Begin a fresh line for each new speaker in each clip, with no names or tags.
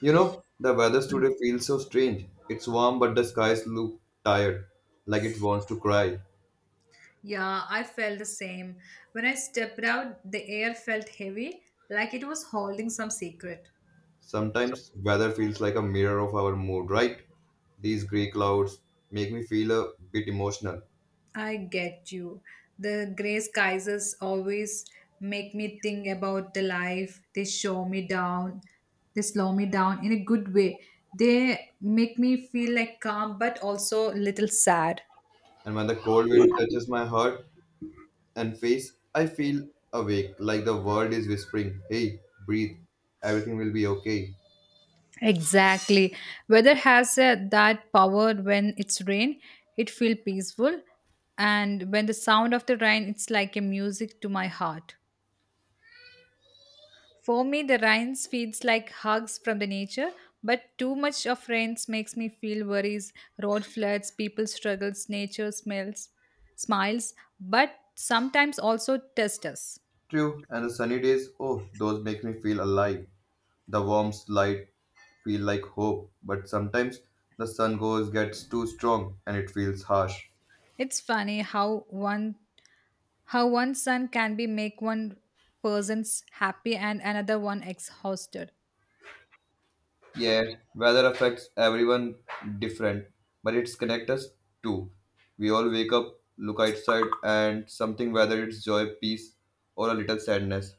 You know, the weather today feels so strange. It's warm, but the skies look tired, like it wants to cry.
Yeah, I felt the same. When I stepped out, the air felt heavy, like it was holding some secret.
Sometimes weather feels like a mirror of our mood, right? These grey clouds make me feel a bit emotional.
I get you. The gray skies always make me think about the life. They show me down. They slow me down in a good way. They make me feel like calm, but also a little sad.
And when the cold wind touches my heart and face, I feel awake, like the world is whispering, hey, breathe, everything will be okay.
Exactly. Weather has that power when it's rain, it feels peaceful. And when the sound of the rain, it's like a music to my heart. For me, the rains feels like hugs from the nature, but too much of rains makes me feel worries, road floods, people struggles, nature smells, smiles, but sometimes also test us.
True, and the sunny days, oh, those make me feel alive. The warmth light feel like hope, but sometimes the sun goes gets too strong and it feels harsh.
It's funny how one how one son can be make one person's happy and another one exhausted.
Yeah, weather affects everyone different, but it's connect us too. We all wake up, look outside, and something whether it's joy, peace, or a little sadness.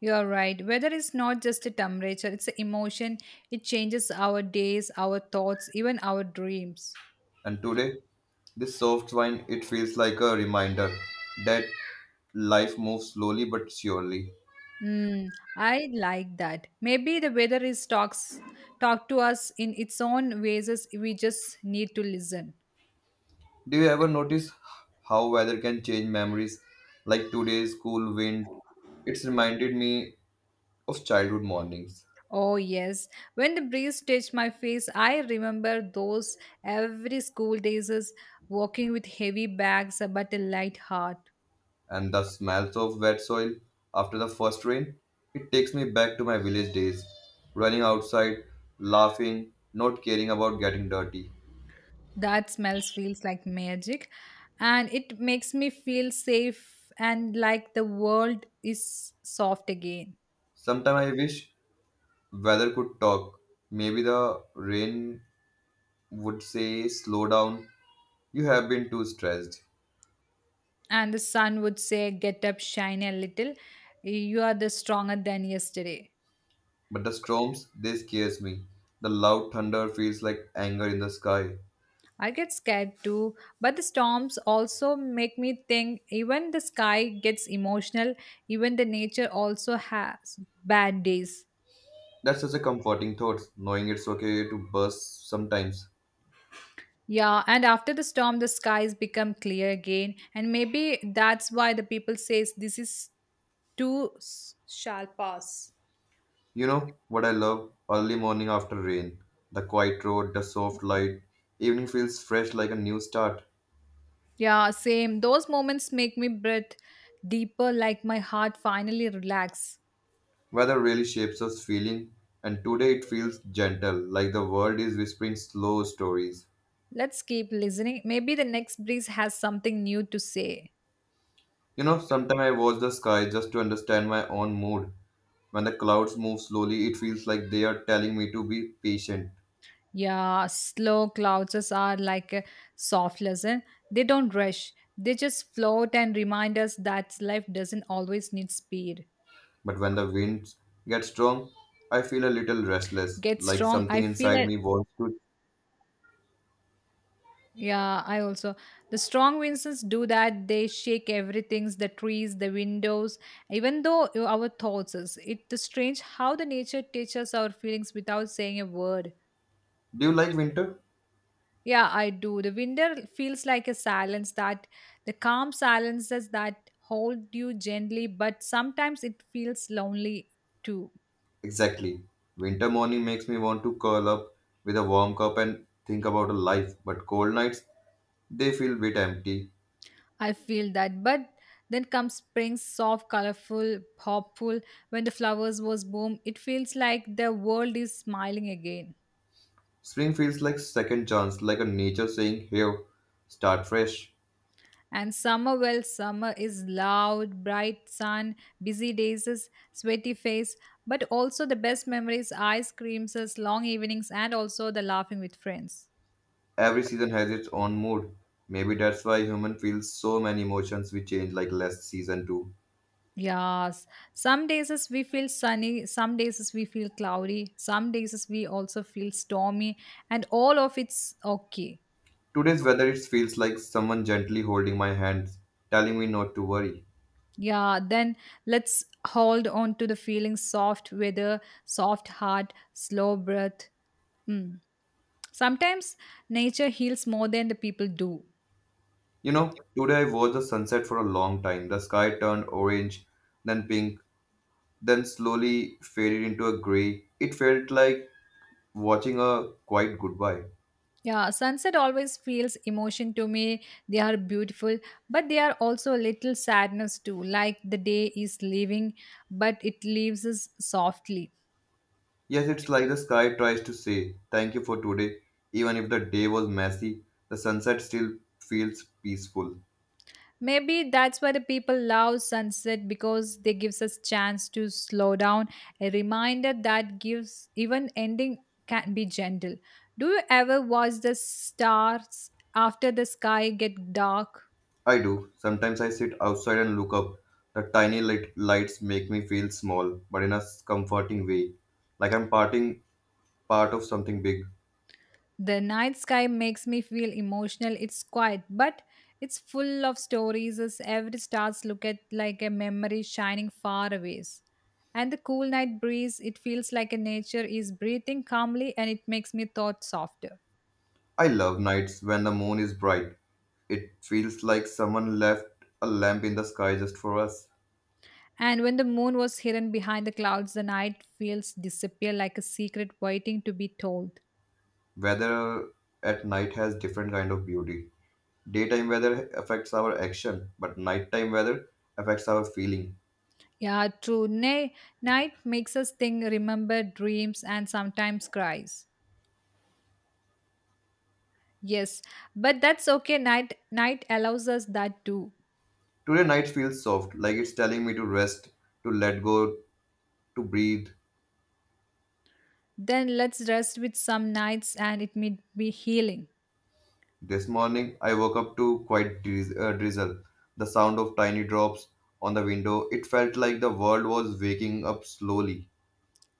You're right. Weather is not just a temperature, it's an emotion. It changes our days, our thoughts, even our dreams.
And today, this soft wine it feels like a reminder that life moves slowly but surely.
Mm, I like that. Maybe the weather is talk to us in its own ways. As We just need to listen.
Do you ever notice how weather can change memories? Like today's cool wind, it's reminded me of childhood mornings
Oh yes, when the breeze touched my face, I remember those every school days as walking with heavy bags but a light heart.
and the smells of wet soil after the first rain. It takes me back to my village days, running outside, laughing, not caring about getting dirty.
That smells feels like magic and it makes me feel safe and like the world is soft again.
Sometimes I wish weather could talk. Maybe the rain would say, slow down, you have been too stressed.
And the sun would say, get up, shine a little. You are the stronger than yesterday.
But the storms, they scares me. The loud thunder feels like anger in the sky.
I get scared too, but the storms also make me think even the sky gets emotional, even the nature also has bad days.
That's such a comforting thought, knowing it's okay to burst sometimes.
Yeah, and after the storm, the skies become clear again, and maybe that's why the people says this is shall pass.
You know what I love? Early morning after rain. The quiet road, the soft light. Evening feels fresh like a new start.
Yeah, same. Those moments make me breathe deeper, like my heart finally relax.
Weather really shapes us feeling, and today it feels gentle, like the world is whispering slow stories.
Let's keep listening. Maybe the next breeze has something new to say.
You know, sometimes I watch the sky just to understand my own mood. When the clouds move slowly, it feels like they are telling me to be patient.
Yeah, slow clouds are like a soft lesson. They don't rush. They just float and remind us that life doesn't always need speed.
But when the winds get strong, I feel a little restless,
Get
like
strong. I
something
feel.
inside me wants to.
Yeah, I also. The strong winds do that. They shake everything's the trees, the windows, even though our thoughts is. It's strange how the nature teaches our feelings without saying a word.
Do you like winter?
Yeah, I do. The winter feels like a silence that the calm silences that hold you gently, but sometimes it feels lonely too.
Exactly. Winter morning makes me want to curl up with a warm cup and think about a life, but cold nights, they feel a bit empty.
I feel that. But then comes spring, soft, colorful, hopeful. When the flowers was bloom, it feels like the world is smiling again.
Spring feels like second chance, like a nature saying, here, start fresh.
And summer, well, summer is loud, bright sun, busy days, sweaty face, but also the best memories, ice creams, long evenings, and also the laughing with friends.
Every season has its own mood. Maybe that's why human feels so many emotions we change like last season too.
Yes, some days as we feel sunny, some days as we feel cloudy, some days as we also feel stormy, and all of it's okay.
Today's weather, it feels like someone gently holding my hands, telling me not to worry.
Yeah, then let's hold on to the feeling soft weather, soft heart, slow breath. Mm. Sometimes nature heals more than the people do.
You know, today I watched the sunset for a long time. The sky turned orange, then pink, then slowly faded into a gray. It felt like watching a quiet goodbye.
Yeah, sunset always feels emotion to me. They are beautiful, but they are also a little sadness too, like the day is leaving, but it leaves us softly.
Yes, it's like the sky tries to say, thank you for today. Even if the day was messy, the sunset still feels peaceful.
Maybe that's why the people love sunset because they gives us chance to slow down, a reminder that gives even ending can be gentle. Do you ever watch the stars after the sky get dark?
I do. Sometimes I sit outside and look up. The tiny light lights make me feel small, but in a comforting way, like I'm parting part of something big.
The night sky makes me feel emotional. It's quiet, but it's full of stories as every stars look at like a memory shining far away. And the cool night breeze, it feels like a nature is breathing calmly and it makes me thought softer.
I love nights when the moon is bright. It feels like someone left a lamp in the sky just for us.
And when the moon was hidden behind the clouds, the night feels disappear like a secret waiting to be told.
Weather at night has different kind of beauty. Daytime weather affects our action, but nighttime weather affects our feeling.
Yeah, true. Nay, night makes us think, remember dreams, and sometimes cries. Yes, but that's okay. Night allows us that too.
Today night feels soft, like it's telling me to rest, to let go, to breathe.
Then let's rest with some nights, and it may be healing.
This morning, I woke up to quite drizzle. The sound of tiny drops on the window. It felt like the world was waking up slowly.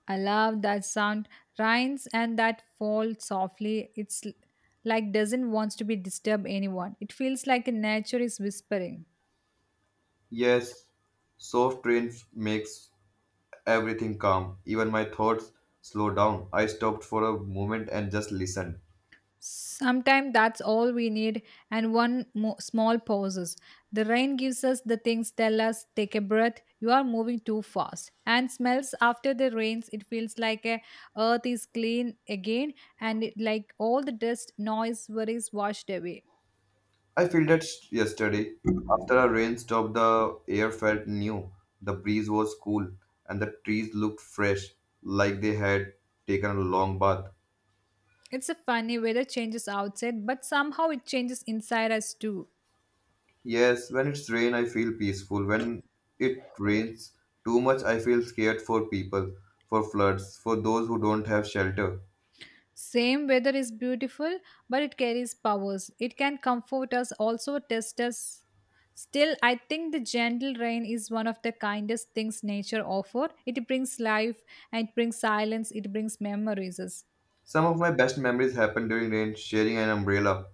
I love that sound, rhymes, and that fall softly. Like doesn't wants to be disturb anyone. It feels like nature is whispering.
Yes, soft makes everything calm. Even my thoughts slow down. I stopped for a moment and just listened.
Sometimes that's all we need, and small pauses. The rain gives us the things tell us, take a breath, you are moving too fast. And smells after the rains, it feels like a earth is clean again, and it, like all the dust, noise, worries washed away.
I felt that yesterday. After a rain stop, the air felt new. The breeze was cool, and the trees looked fresh, like they had taken a long bath.
It's a funny way the changes outside, but somehow it changes inside us too.
Yes, when it's rain, I feel peaceful. When it rains too much, I feel scared for people, for floods, for those who don't have shelter.
Same weather is beautiful, but it carries powers. It can comfort us, also test us. Still, I think the gentle rain is one of the kindest things nature offers. It brings life and it brings silence, it brings memories.
Some of my best memories happen during rain, sharing an umbrella,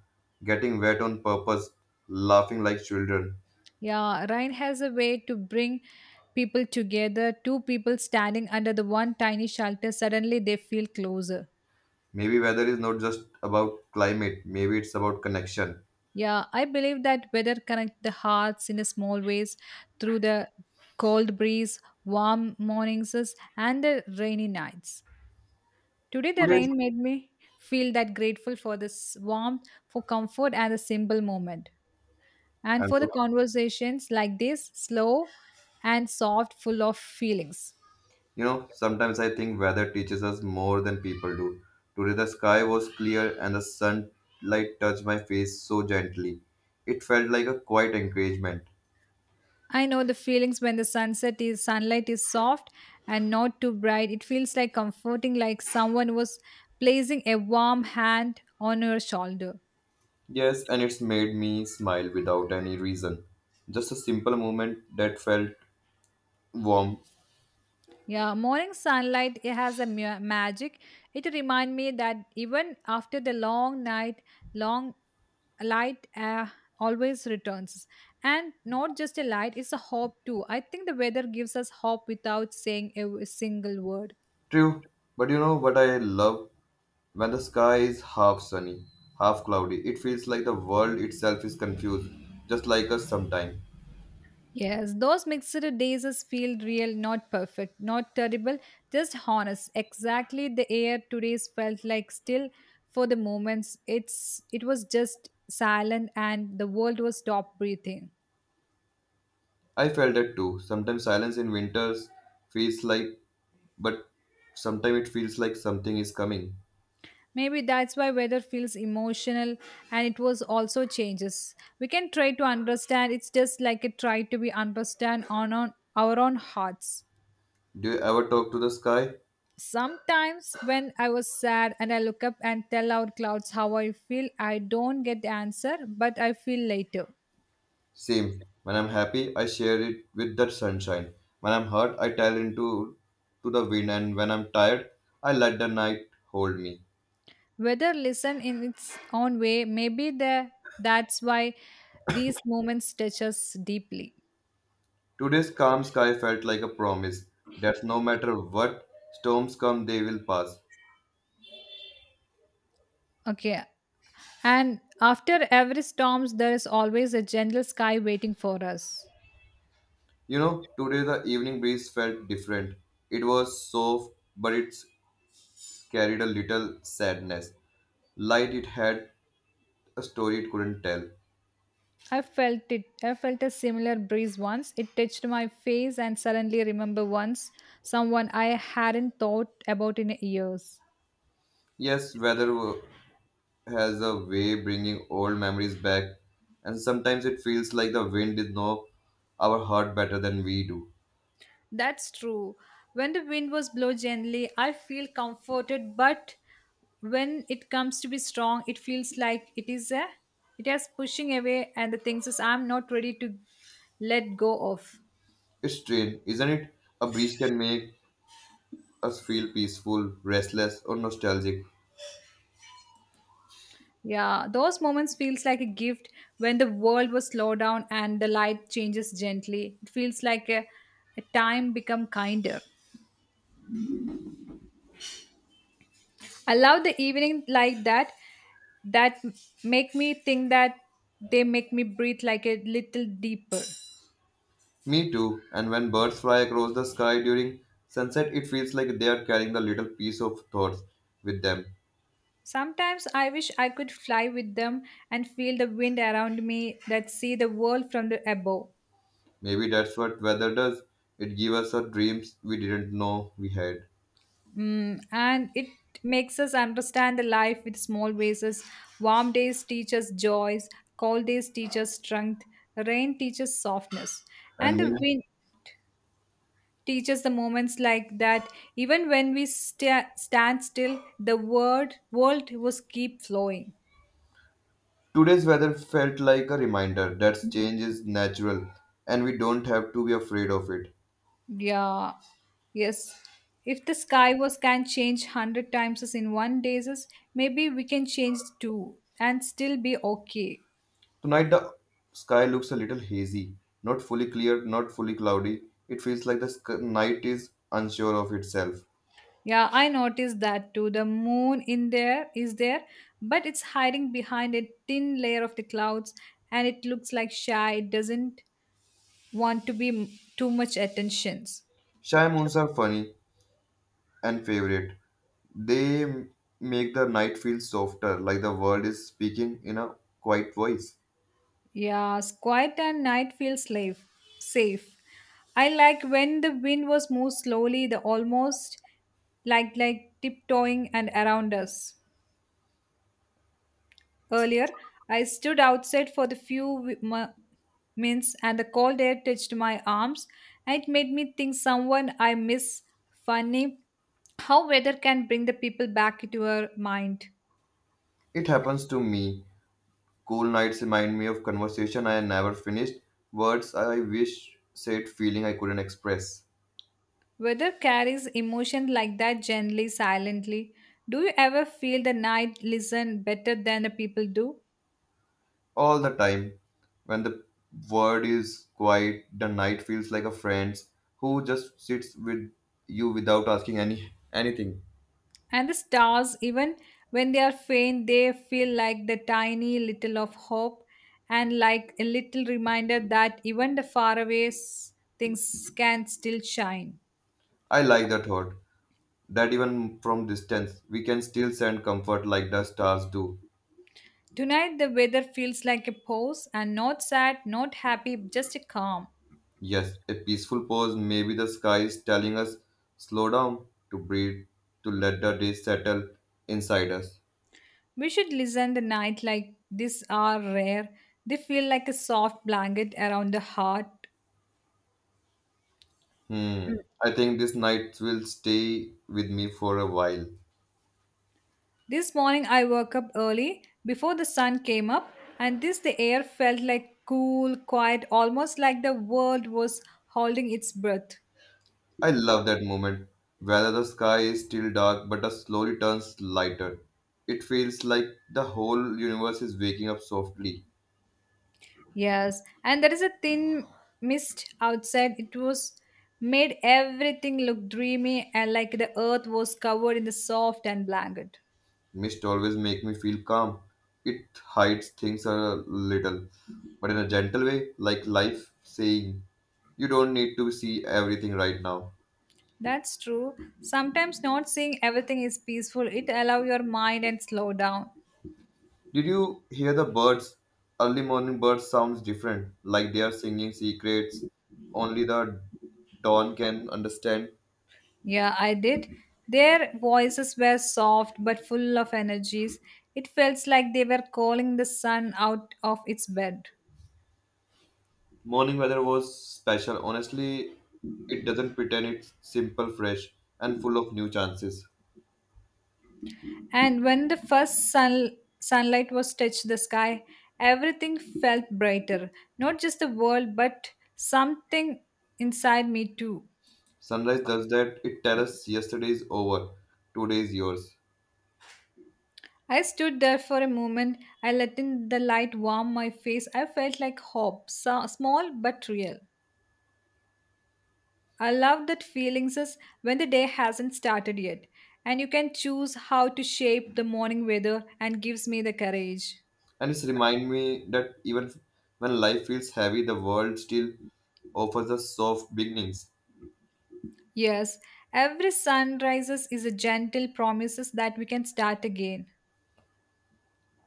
getting wet on purpose, laughing like children.
Yeah, rain has a way to bring people together. Two people standing under the one tiny shelter, suddenly they feel closer.
Maybe weather is not just about climate, maybe it's about connection.
Yeah, I believe that weather connect the hearts in a small ways through the cold breeze, warm mornings, and the rainy nights. Today, the
Today's
rain made me feel that grateful for this warmth, for comfort, and the simple moment, and
I'm
for the
so
conversations like this, slow and soft, full of feelings.
you know, sometimes I think weather teaches us more than people do. Today the sky was clear and the sunlight touched my face so gently. It felt like a quiet encouragement.
I know the feelings when the sunset is sunlight is soft and not too bright. It feels like comforting, like someone was placing a warm hand on your shoulder.
Yes, and it's made me smile without any reason. Just a simple moment that felt warm.
Yeah, morning sunlight it has a magic. It remind me that even after the long night, long light always returns, and not just a light; it's a hope too. I think the weather gives us hope without saying a single word.
True, but you know what I love? When the sky is half sunny, half cloudy, it feels like the world itself is confused, just like us sometimes.
Yes, those mixed days is feel real, not perfect, not terrible, just honest. Exactly the air today's felt like still for the moments. It was just silent and the world was stopped breathing.
I felt that too. Sometimes silence in winters feels like but sometimes it feels like something is coming.
Maybe that's why weather feels emotional and it was also changes. We can try to understand, it's just like a try to be understand on our own hearts.
Do you ever talk to the sky?
Sometimes when I was sad and I look up and tell out clouds how I feel, I don't get the answer, but I feel later.
Same. When I'm happy, I share it with the sunshine. When I'm hurt, I tell into to the wind, and when I'm tired, I let the night hold me.
Weather listen in its own way, that's why these moments touch us deeply.
Today's calm sky felt like a promise that no matter what storms come, they will pass.
Okay. And after every storms, there is always a gentle sky waiting for us.
You know, today the evening breeze felt different. It was soft, but it carried a little sadness. Light it had a story it couldn't tell.
I felt it. I felt a similar breeze once. It touched my face and suddenly remember once someone I hadn't thought about in years.
Yes, has a way bringing old memories back, and sometimes it feels like the wind is know our heart better than we do.
That's true. When the wind was blow gently, I feel comforted, but when it comes to be strong, it feels like it is pushing away and the things is I'm not ready to let go of.
It's strange, isn't it? A breeze can make us feel peaceful, restless, or nostalgic.
Yeah, those moments feels like a gift when the world was slowed down and the light changes gently. It feels like a time become kinder. I love the evening like that make me think that they make me breathe like a little deeper.
Me too. And when birds fly across the sky during sunset, it feels like they are carrying a little piece of thoughts with them.
Sometimes I wish I could fly with them and feel the wind around me that see the world from the above.
Maybe that's what weather does. It gives us our dreams we didn't know we had.
Mm, and it makes us understand the life with small bases. Warm days teach us joys, cold days teach us strength, rain teaches softness,
And
and the
when
wind teaches the moments like that even when we stand still the word world was keep flowing.
today's weather felt like a reminder that change is natural and we don't have to be afraid of it.
Yeah. Yes, if the sky was can change 100 times as in one days, maybe we can change two and still be okay.
Tonight the sky looks a little hazy, not fully clear, not fully cloudy. It feels like the night is unsure of itself.
Yeah, I noticed that too. The moon in there is there, but it's hiding behind a thin layer of the clouds, and it looks like shy. It doesn't want to be too much attentions.
Shy moons are funny and favorite. They make the night feel softer, like the world is speaking in a quiet voice.
Yes, quiet and night feels slave, safe. I like when the wind was moved slowly, the almost like tiptoeing and around us. Earlier, I stood outside for the minutes, and the cold air touched my arms, and it made me think someone I miss. Funny how weather can bring the people back into our mind.
It happens to me. Cool nights remind me of conversation I never finished, words I wish said, feeling I couldn't express.
Weather carries emotion like that gently, silently. Do you ever feel the night listen better than the people do?
All the time. When the world is quiet, the night feels like a friend who just sits with you without asking anything.
And the stars, even when they are faint, they feel like the tiny little of hope and like a little reminder that even the faraway things can still shine.
I like the thought that even from distance, we can still send comfort like the stars do.
Tonight, the weather feels like a pause and not sad, not happy, just a calm.
Yes, a peaceful pause, maybe the sky is telling us slow down to breathe, to let the day settle inside us.
We should listen the night like this are rare. They feel like a soft blanket around the heart.
Hmm. I think this night will stay with me for a while.
This morning I woke up early before the sun came up and this the air felt like cool, quiet, almost like the world was holding its breath.
I love that moment, whether the sky is still dark but it slowly turns lighter. It feels like the whole universe is waking up softly.
Yes, and there is a thin mist outside. It was made everything look dreamy and like the earth was covered in the soft and blanket.
Mist always makes me feel calm. It hides things a little, but in a gentle way, like life saying, you don't need to see everything right now.
That's true. Sometimes not seeing everything is peaceful. It allow your mind and slow down.
Did you hear the birds? Early morning birds sounds different, like they are singing secrets only the dawn can understand.
Yeah, I did. Their voices were soft but full of energies. It felt like they were calling the sun out of its bed.
Morning weather was special. Honestly, it doesn't pretend it's simple, fresh, and full of new chances.
And when the sunlight was touched the sky, everything felt brighter. Not just the world, but something inside me too.
Sunrise does that. It tells us yesterday is over, today is yours.
I stood there for a moment. I let in the light warm my face. I felt like hope, so small but real. I love that feelings is when the day hasn't started yet, and you can choose how to shape the morning weather and gives me the courage.
And it's remind me that even when life feels heavy, the world still offers us soft beginnings.
Yes, every sunrises is a gentle promises that we can start again.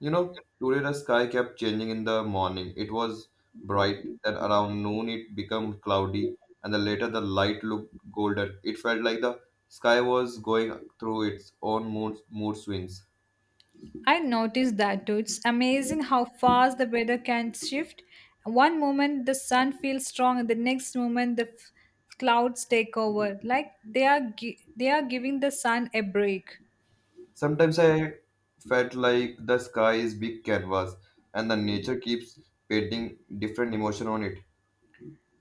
You know, today the sky kept changing in the morning. It was bright, then around noon it became cloudy, and then later the light looked golden. It felt like the sky was going through its own mood swings.
I noticed that too. It's amazing how fast the weather can shift. One moment the sun feels strong, and the next moment the clouds take over. Like they are giving the sun a break.
Sometimes I felt like the sky is big canvas, and the nature keeps painting different emotion on it.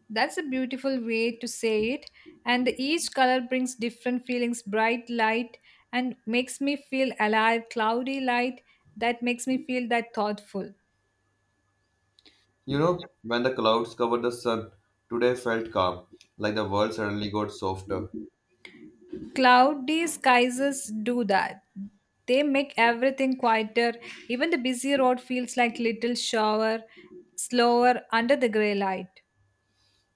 That's a beautiful way to say it. And each color brings different feelings. Bright light and makes me feel alive. Cloudy light that makes me feel that thoughtful.
You know, when the clouds covered the sun, today felt calm, like the world suddenly got softer.
Cloudy skies do that. They make everything quieter. Even the busy road feels like little shower, slower under the gray light.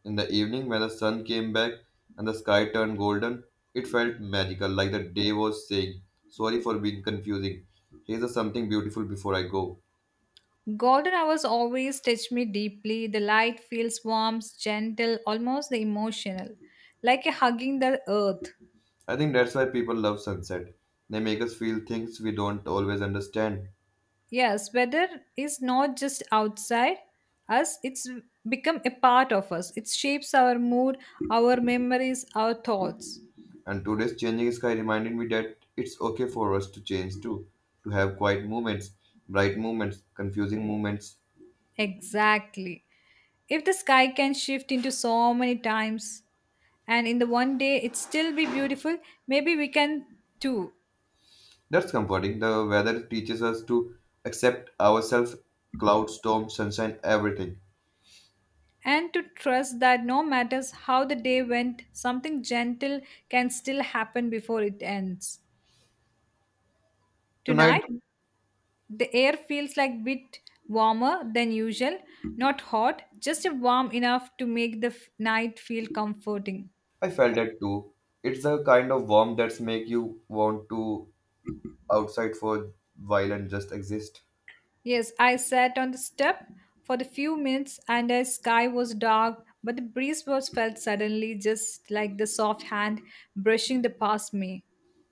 In the evening, when the sun came back and the sky turned golden, it felt magical, like the day was saying, sorry for being confusing. Here's a something beautiful before I go.
Golden hours always touch me deeply. The light feels warm, gentle, almost emotional, like a hugging the earth.
I think that's why people love sunset. They make us feel things we don't always understand.
Yes, weather is not just outside us, it's become a part of us. It shapes our mood, our memories, our thoughts.
And today's changing sky reminded me that it's okay for us to change too, to have quiet moments, bright moments, confusing moments.
Exactly. If the sky can shift into so many times and in the one day it still be beautiful, maybe we can too.
That's comforting. The weather teaches us to accept ourselves, cloud, storm, sunshine, everything.
And to trust that no matters how the day went, something gentle can still happen before it ends.
Tonight,
Tonight, the air feels like a bit warmer than usual, not hot, just warm enough to make the night feel comforting.
I felt that too. It's the kind of warmth that's make you want to outside for a while and just exist.
Yes, I sat on the step for the few minutes and the sky was dark, but the breeze was felt suddenly just like the soft hand brushing the past me.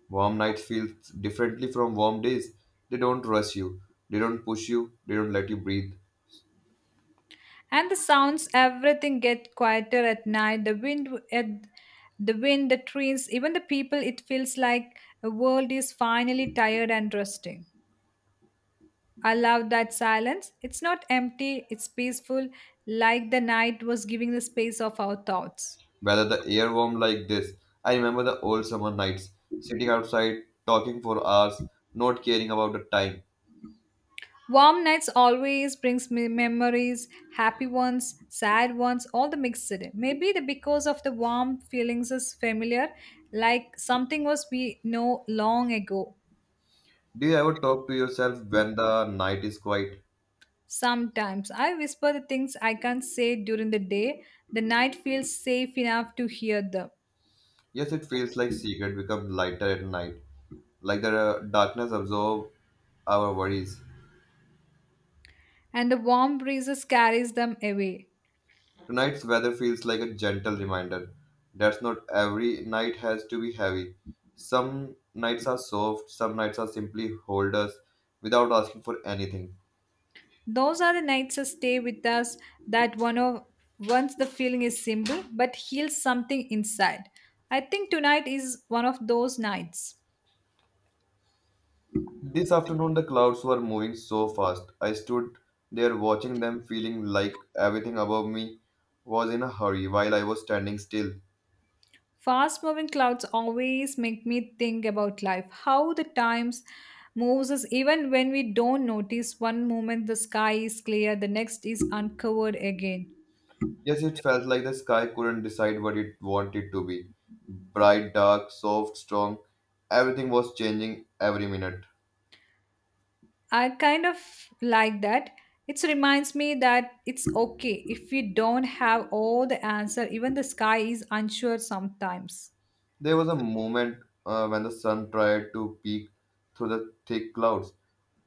Warm nights feel differently from warm days. They don't rush you. They don't push you. They don't let you breathe.
And the sounds, everything get quieter at night. The wind, the trees, even the people. It feels like the world is finally tired and resting. I love that silence. It's not empty. It's peaceful, like the night was giving the space of our thoughts.
Whether the air warm like this, I remember the old summer nights, sitting outside, talking for hours, not caring about the time.
Warm nights always brings me memories, happy ones, sad ones, all the mixed. Maybe the because of the warm feelings is familiar, like something was we know long ago.
Do you ever talk to yourself when the night is quiet?
Sometimes I whisper the things I can't say during the day. The night feels safe enough to hear them,
Yes, it feels like secret become lighter at night, like the darkness absorb our worries.
and the warm breezes carries them away.
Tonight's weather feels like a gentle reminder that's not every night has to be heavy. Some nights are soft, some nights are simply hold us without asking for anything.
Those are the nights that stay with us that one of once the feeling is simple but heals something inside. I think tonight is one of those nights.
This afternoon, the clouds were moving so fast. I stood there watching them, feeling like everything above me was in a hurry while I was standing still.
Fast moving clouds always make me think about life, how the times moves us even when we don't notice one moment the sky is clear, the next is uncovered again.
Yes, it felt like the sky couldn't decide what it wanted to be. Bright, dark, soft, strong. Everything was changing every minute.
I kind of like that. It reminds me that it's okay if we don't have all the answer, even the sky is unsure sometimes.
There was a moment when the sun tried to peek through the thick clouds,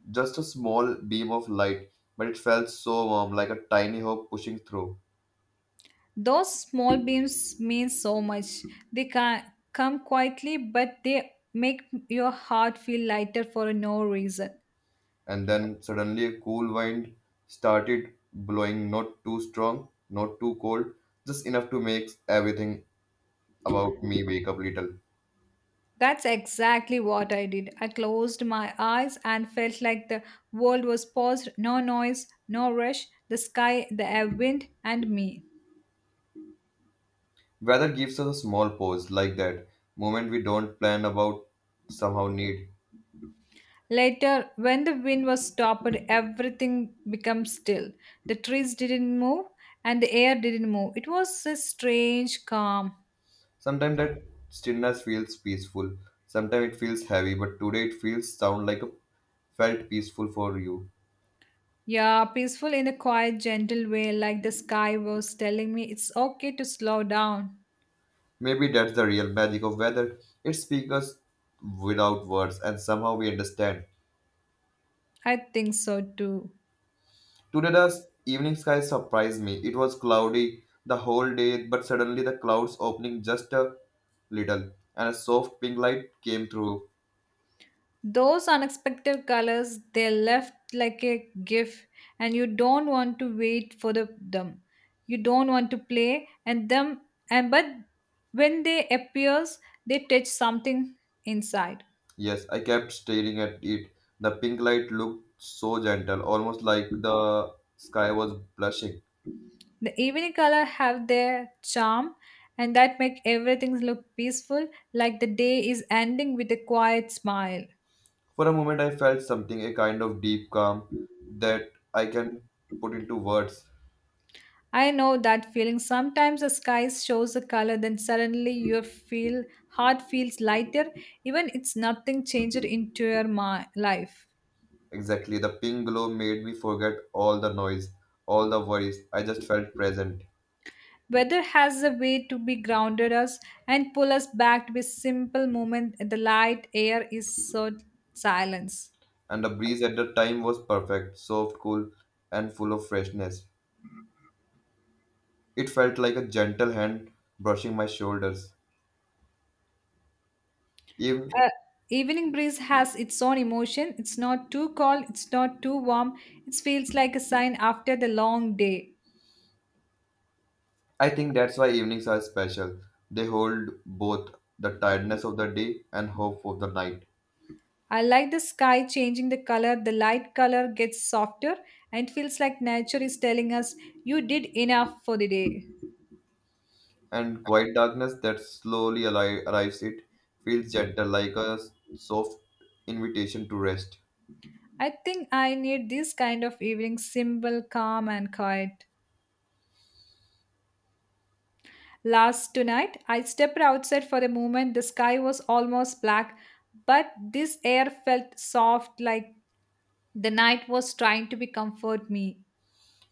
just a small beam of light, but it felt so warm, like a tiny hope pushing through.
Those small beams mean so much. They can come quietly, but they make your heart feel lighter for no reason.
And then suddenly a cool wind started blowing, not too strong, not too cold, just enough to make everything about me wake up little.
That's exactly what I did. I closed my eyes and felt like the world was paused, no noise, no rush, the sky, the air, wind, and me.
Weather gives us a small pause like that, moment we don't plan about, somehow need.
Later, when the wind was stopped, everything became still. The trees didn't move and the air didn't move. It was a strange calm.
Sometimes that stillness feels peaceful, sometimes it feels heavy, but today it feels sound like a felt peaceful for you.
Yeah, peaceful in a quiet, gentle way, like the sky was telling me it's okay to slow down.
Maybe that's the real magic of weather. It speaks us without words, and somehow we understand.
I think so too.
Today the evening sky surprised me. It was cloudy the whole day, but suddenly the clouds opening just a little, and a soft pink light came through.
Those unexpected colors, they're left like a gift, and you don't want to wait for the, them. You don't want to play, and them, and but when they appears, they touch something inside.
Yes, I kept staring at it. The pink light looked so gentle, almost like the sky was blushing.
The evening color have their charm, and that make everything look peaceful, like the day is ending with a quiet smile.
For a moment, I felt something, a kind of deep calm that I can put into words.
I know that feeling. Sometimes the sky shows a color, then suddenly your feel heart feels lighter, even it's nothing changed into your life.
Exactly, the pink glow made me forget all the noise, all the worries. I just felt present.
Weather has a way to be grounded us and pull us back to be simple moment. The light air is so silence.
And the breeze at the time was perfect, soft, cool, and full of freshness. It felt like a gentle hand brushing my shoulders. Even,
Uh, Evening breeze has its own emotion. It's not too cold. It's not too warm. It feels like a sign after the long day.
I think that's why evenings are special. They hold both the tiredness of the day and hope of the night.
I like the sky changing the color, the light color gets softer and it feels like nature is telling us you did enough for the day.
And quiet darkness that slowly arrives. It feels gentle, like a soft invitation to rest.
I think I need this kind of evening simple, calm and quiet. Last tonight, I stepped outside for a moment. The sky was almost black, but this air felt soft like the night was trying to be comfort me.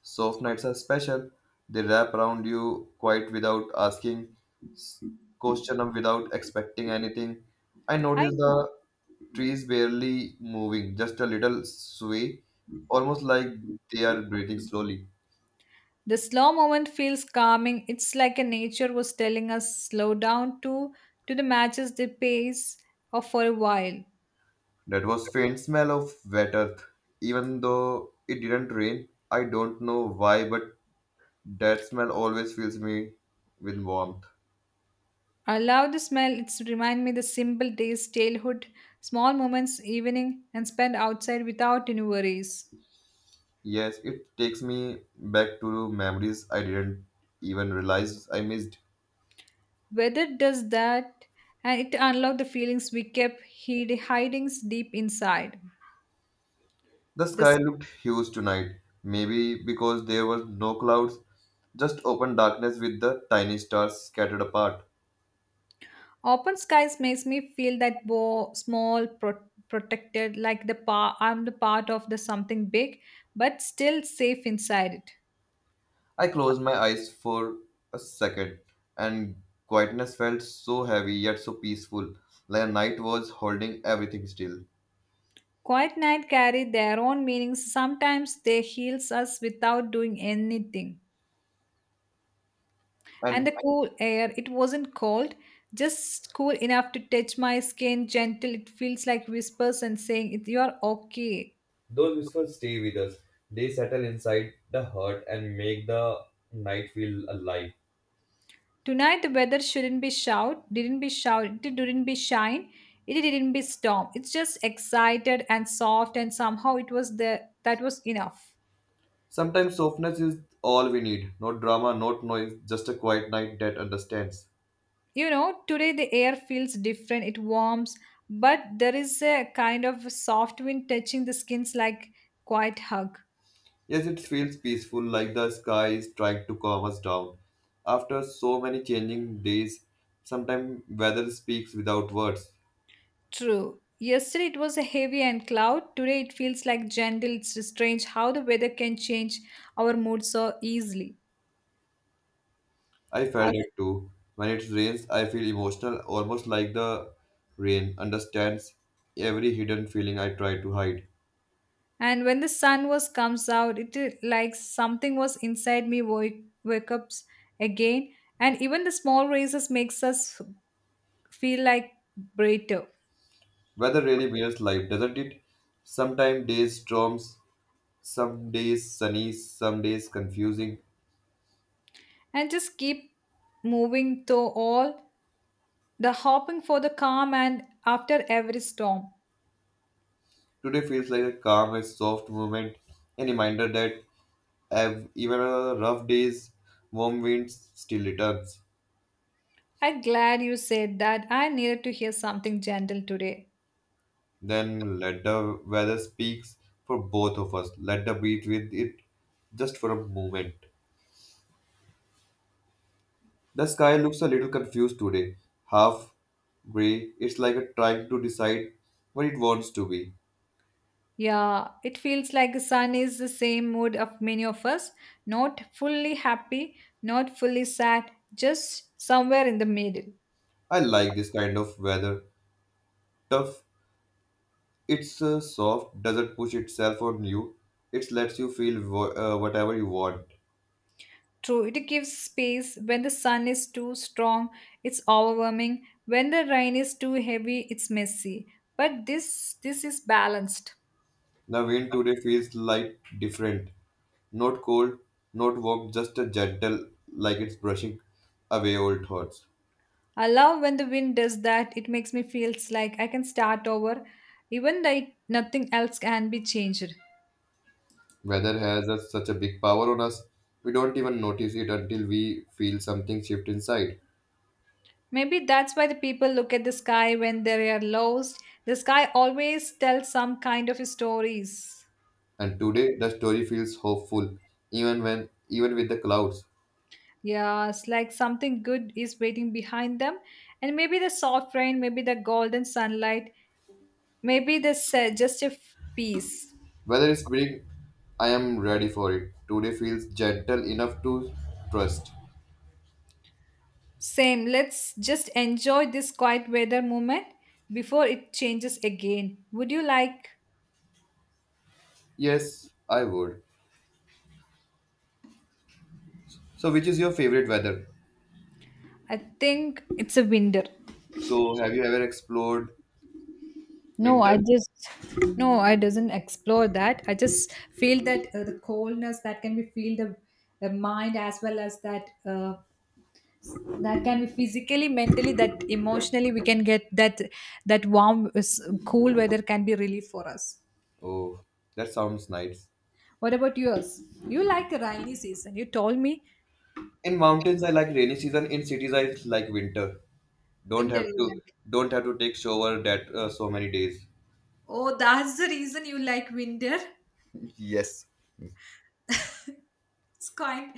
Soft nights are special. They wrap around you quite without asking, s- question them without expecting anything. I
I.
notice the trees barely moving, just a little sway, almost like they are breathing slowly.
The slow moment feels calming. It's like a nature was telling us slow down too to the matches the pace of for a while.
That was faint smell of wet earth. Even though it didn't rain, I don't know why, but that smell always fills me with warmth.
I love the smell. It's remind me the simple days, childhood, small moments, evening, and spent outside without any worries.
Yes, it takes me back to memories I didn't even realize I missed.
Weather does that, and it unlock the feelings we kept hiding deep inside.
The
The.
sky looked huge tonight, maybe because there were no clouds, just open darkness with the tiny stars scattered apart.
Open skies makes me feel that small, protected, like the I'm the part of the something big, but still safe inside it.
I closed my eyes for a second, and quietness felt so heavy yet so peaceful, like a night was holding everything still.
Quiet night carry their own meanings. Sometimes they heals us without doing anything. And
And
the cool air, it wasn't cold, just cool enough to touch my skin. Gentle, it feels like whispers and saying, "You are okay."
those whispers stay with us. They settle inside the heart and make the night feel alive.
Tonight the weather shouldn't be shout, didn't be shout, it didn't be shine, it didn't be storm. It's just excited and soft, and somehow it was the that was enough.
Sometimes softness is all we need. No drama, not noise, just a quiet night that understands.
You know, today the air feels different, it warms, but there is a kind of soft wind touching the skins like quiet hug.
Yes, it feels peaceful, like the sky is trying to calm us down. After so many changing days, sometimes weather speaks without words.
True. Yesterday it was a heavy and cloud. Today it feels like gentle. It's strange how the weather can change our mood so easily.
I
Uh,
felt it too. When it rains, I feel emotional, almost like the rain understands every hidden feeling I try to hide.
And when the sun was comes out, it is like something was inside me wake up again. And even the small races makes us feel like brighter.
Weather really mirrors life, doesn't it? Sometimes days storms, some days sunny, some days confusing.
And just keep moving through all the hoping for the calm and after every storm.
Today feels like a calm and soft moment, a reminder that even on rough days, warm winds still returns.
I'm glad you said that. I needed to hear something gentle today.
Then let the weather speaks for both of us. Let the beat with it just for a moment. The sky looks a little confused today, half gray. It's like a trying to decide what it wants to be.
Yeah, it feels like the sun is the same mood of many of us, not fully happy, not fully sad, just somewhere in the middle.
I like this kind of weather. Tough, it's soft, doesn't push itself on you. It lets you feel whatever you want.
True, it gives space. When the sun is too strong, it's overwhelming. When the rain is too heavy, it's messy. But this is balanced.
The wind today feels like different. Not cold, not warm, just a gentle, like it's brushing away old thoughts.
I love when the wind does that. It makes me feels like I can start over, even though it- nothing else can be changed.
Weather has a, such a big power on us. We don't even notice it until we feel something shift inside.
Maybe that's why the people look at the sky when they are lost. The sky always tells some kind of stories.
And today, the story feels hopeful, even when, even with the clouds.
Yes, like something good is waiting behind them. And maybe the soft rain, maybe the golden sunlight, maybe the peace.
Weather is big, I am ready for it. Today feels gentle enough to trust.
Same, let's just enjoy this quiet weather moment before it changes again. Would you like?
Yes, I would. So, which is your favorite weather?
I think it's a winter.
So, have you ever explored
No,
winter?
I just no, I doesn't explore that. I just feel that the coldness that can be feel the mind as well as that that can be physically, mentally, that emotionally we can get that warm, cool weather can be relief for us.
Oh, that sounds nice.
What about yours? You like the rainy season. You told me
In mountains, I like rainy season. In cities, I like winter. Don't
winter
have
you
to
like.
don't have to take shower that so many days.
Oh, that's the reason you like winter.
Yes.
It's kind.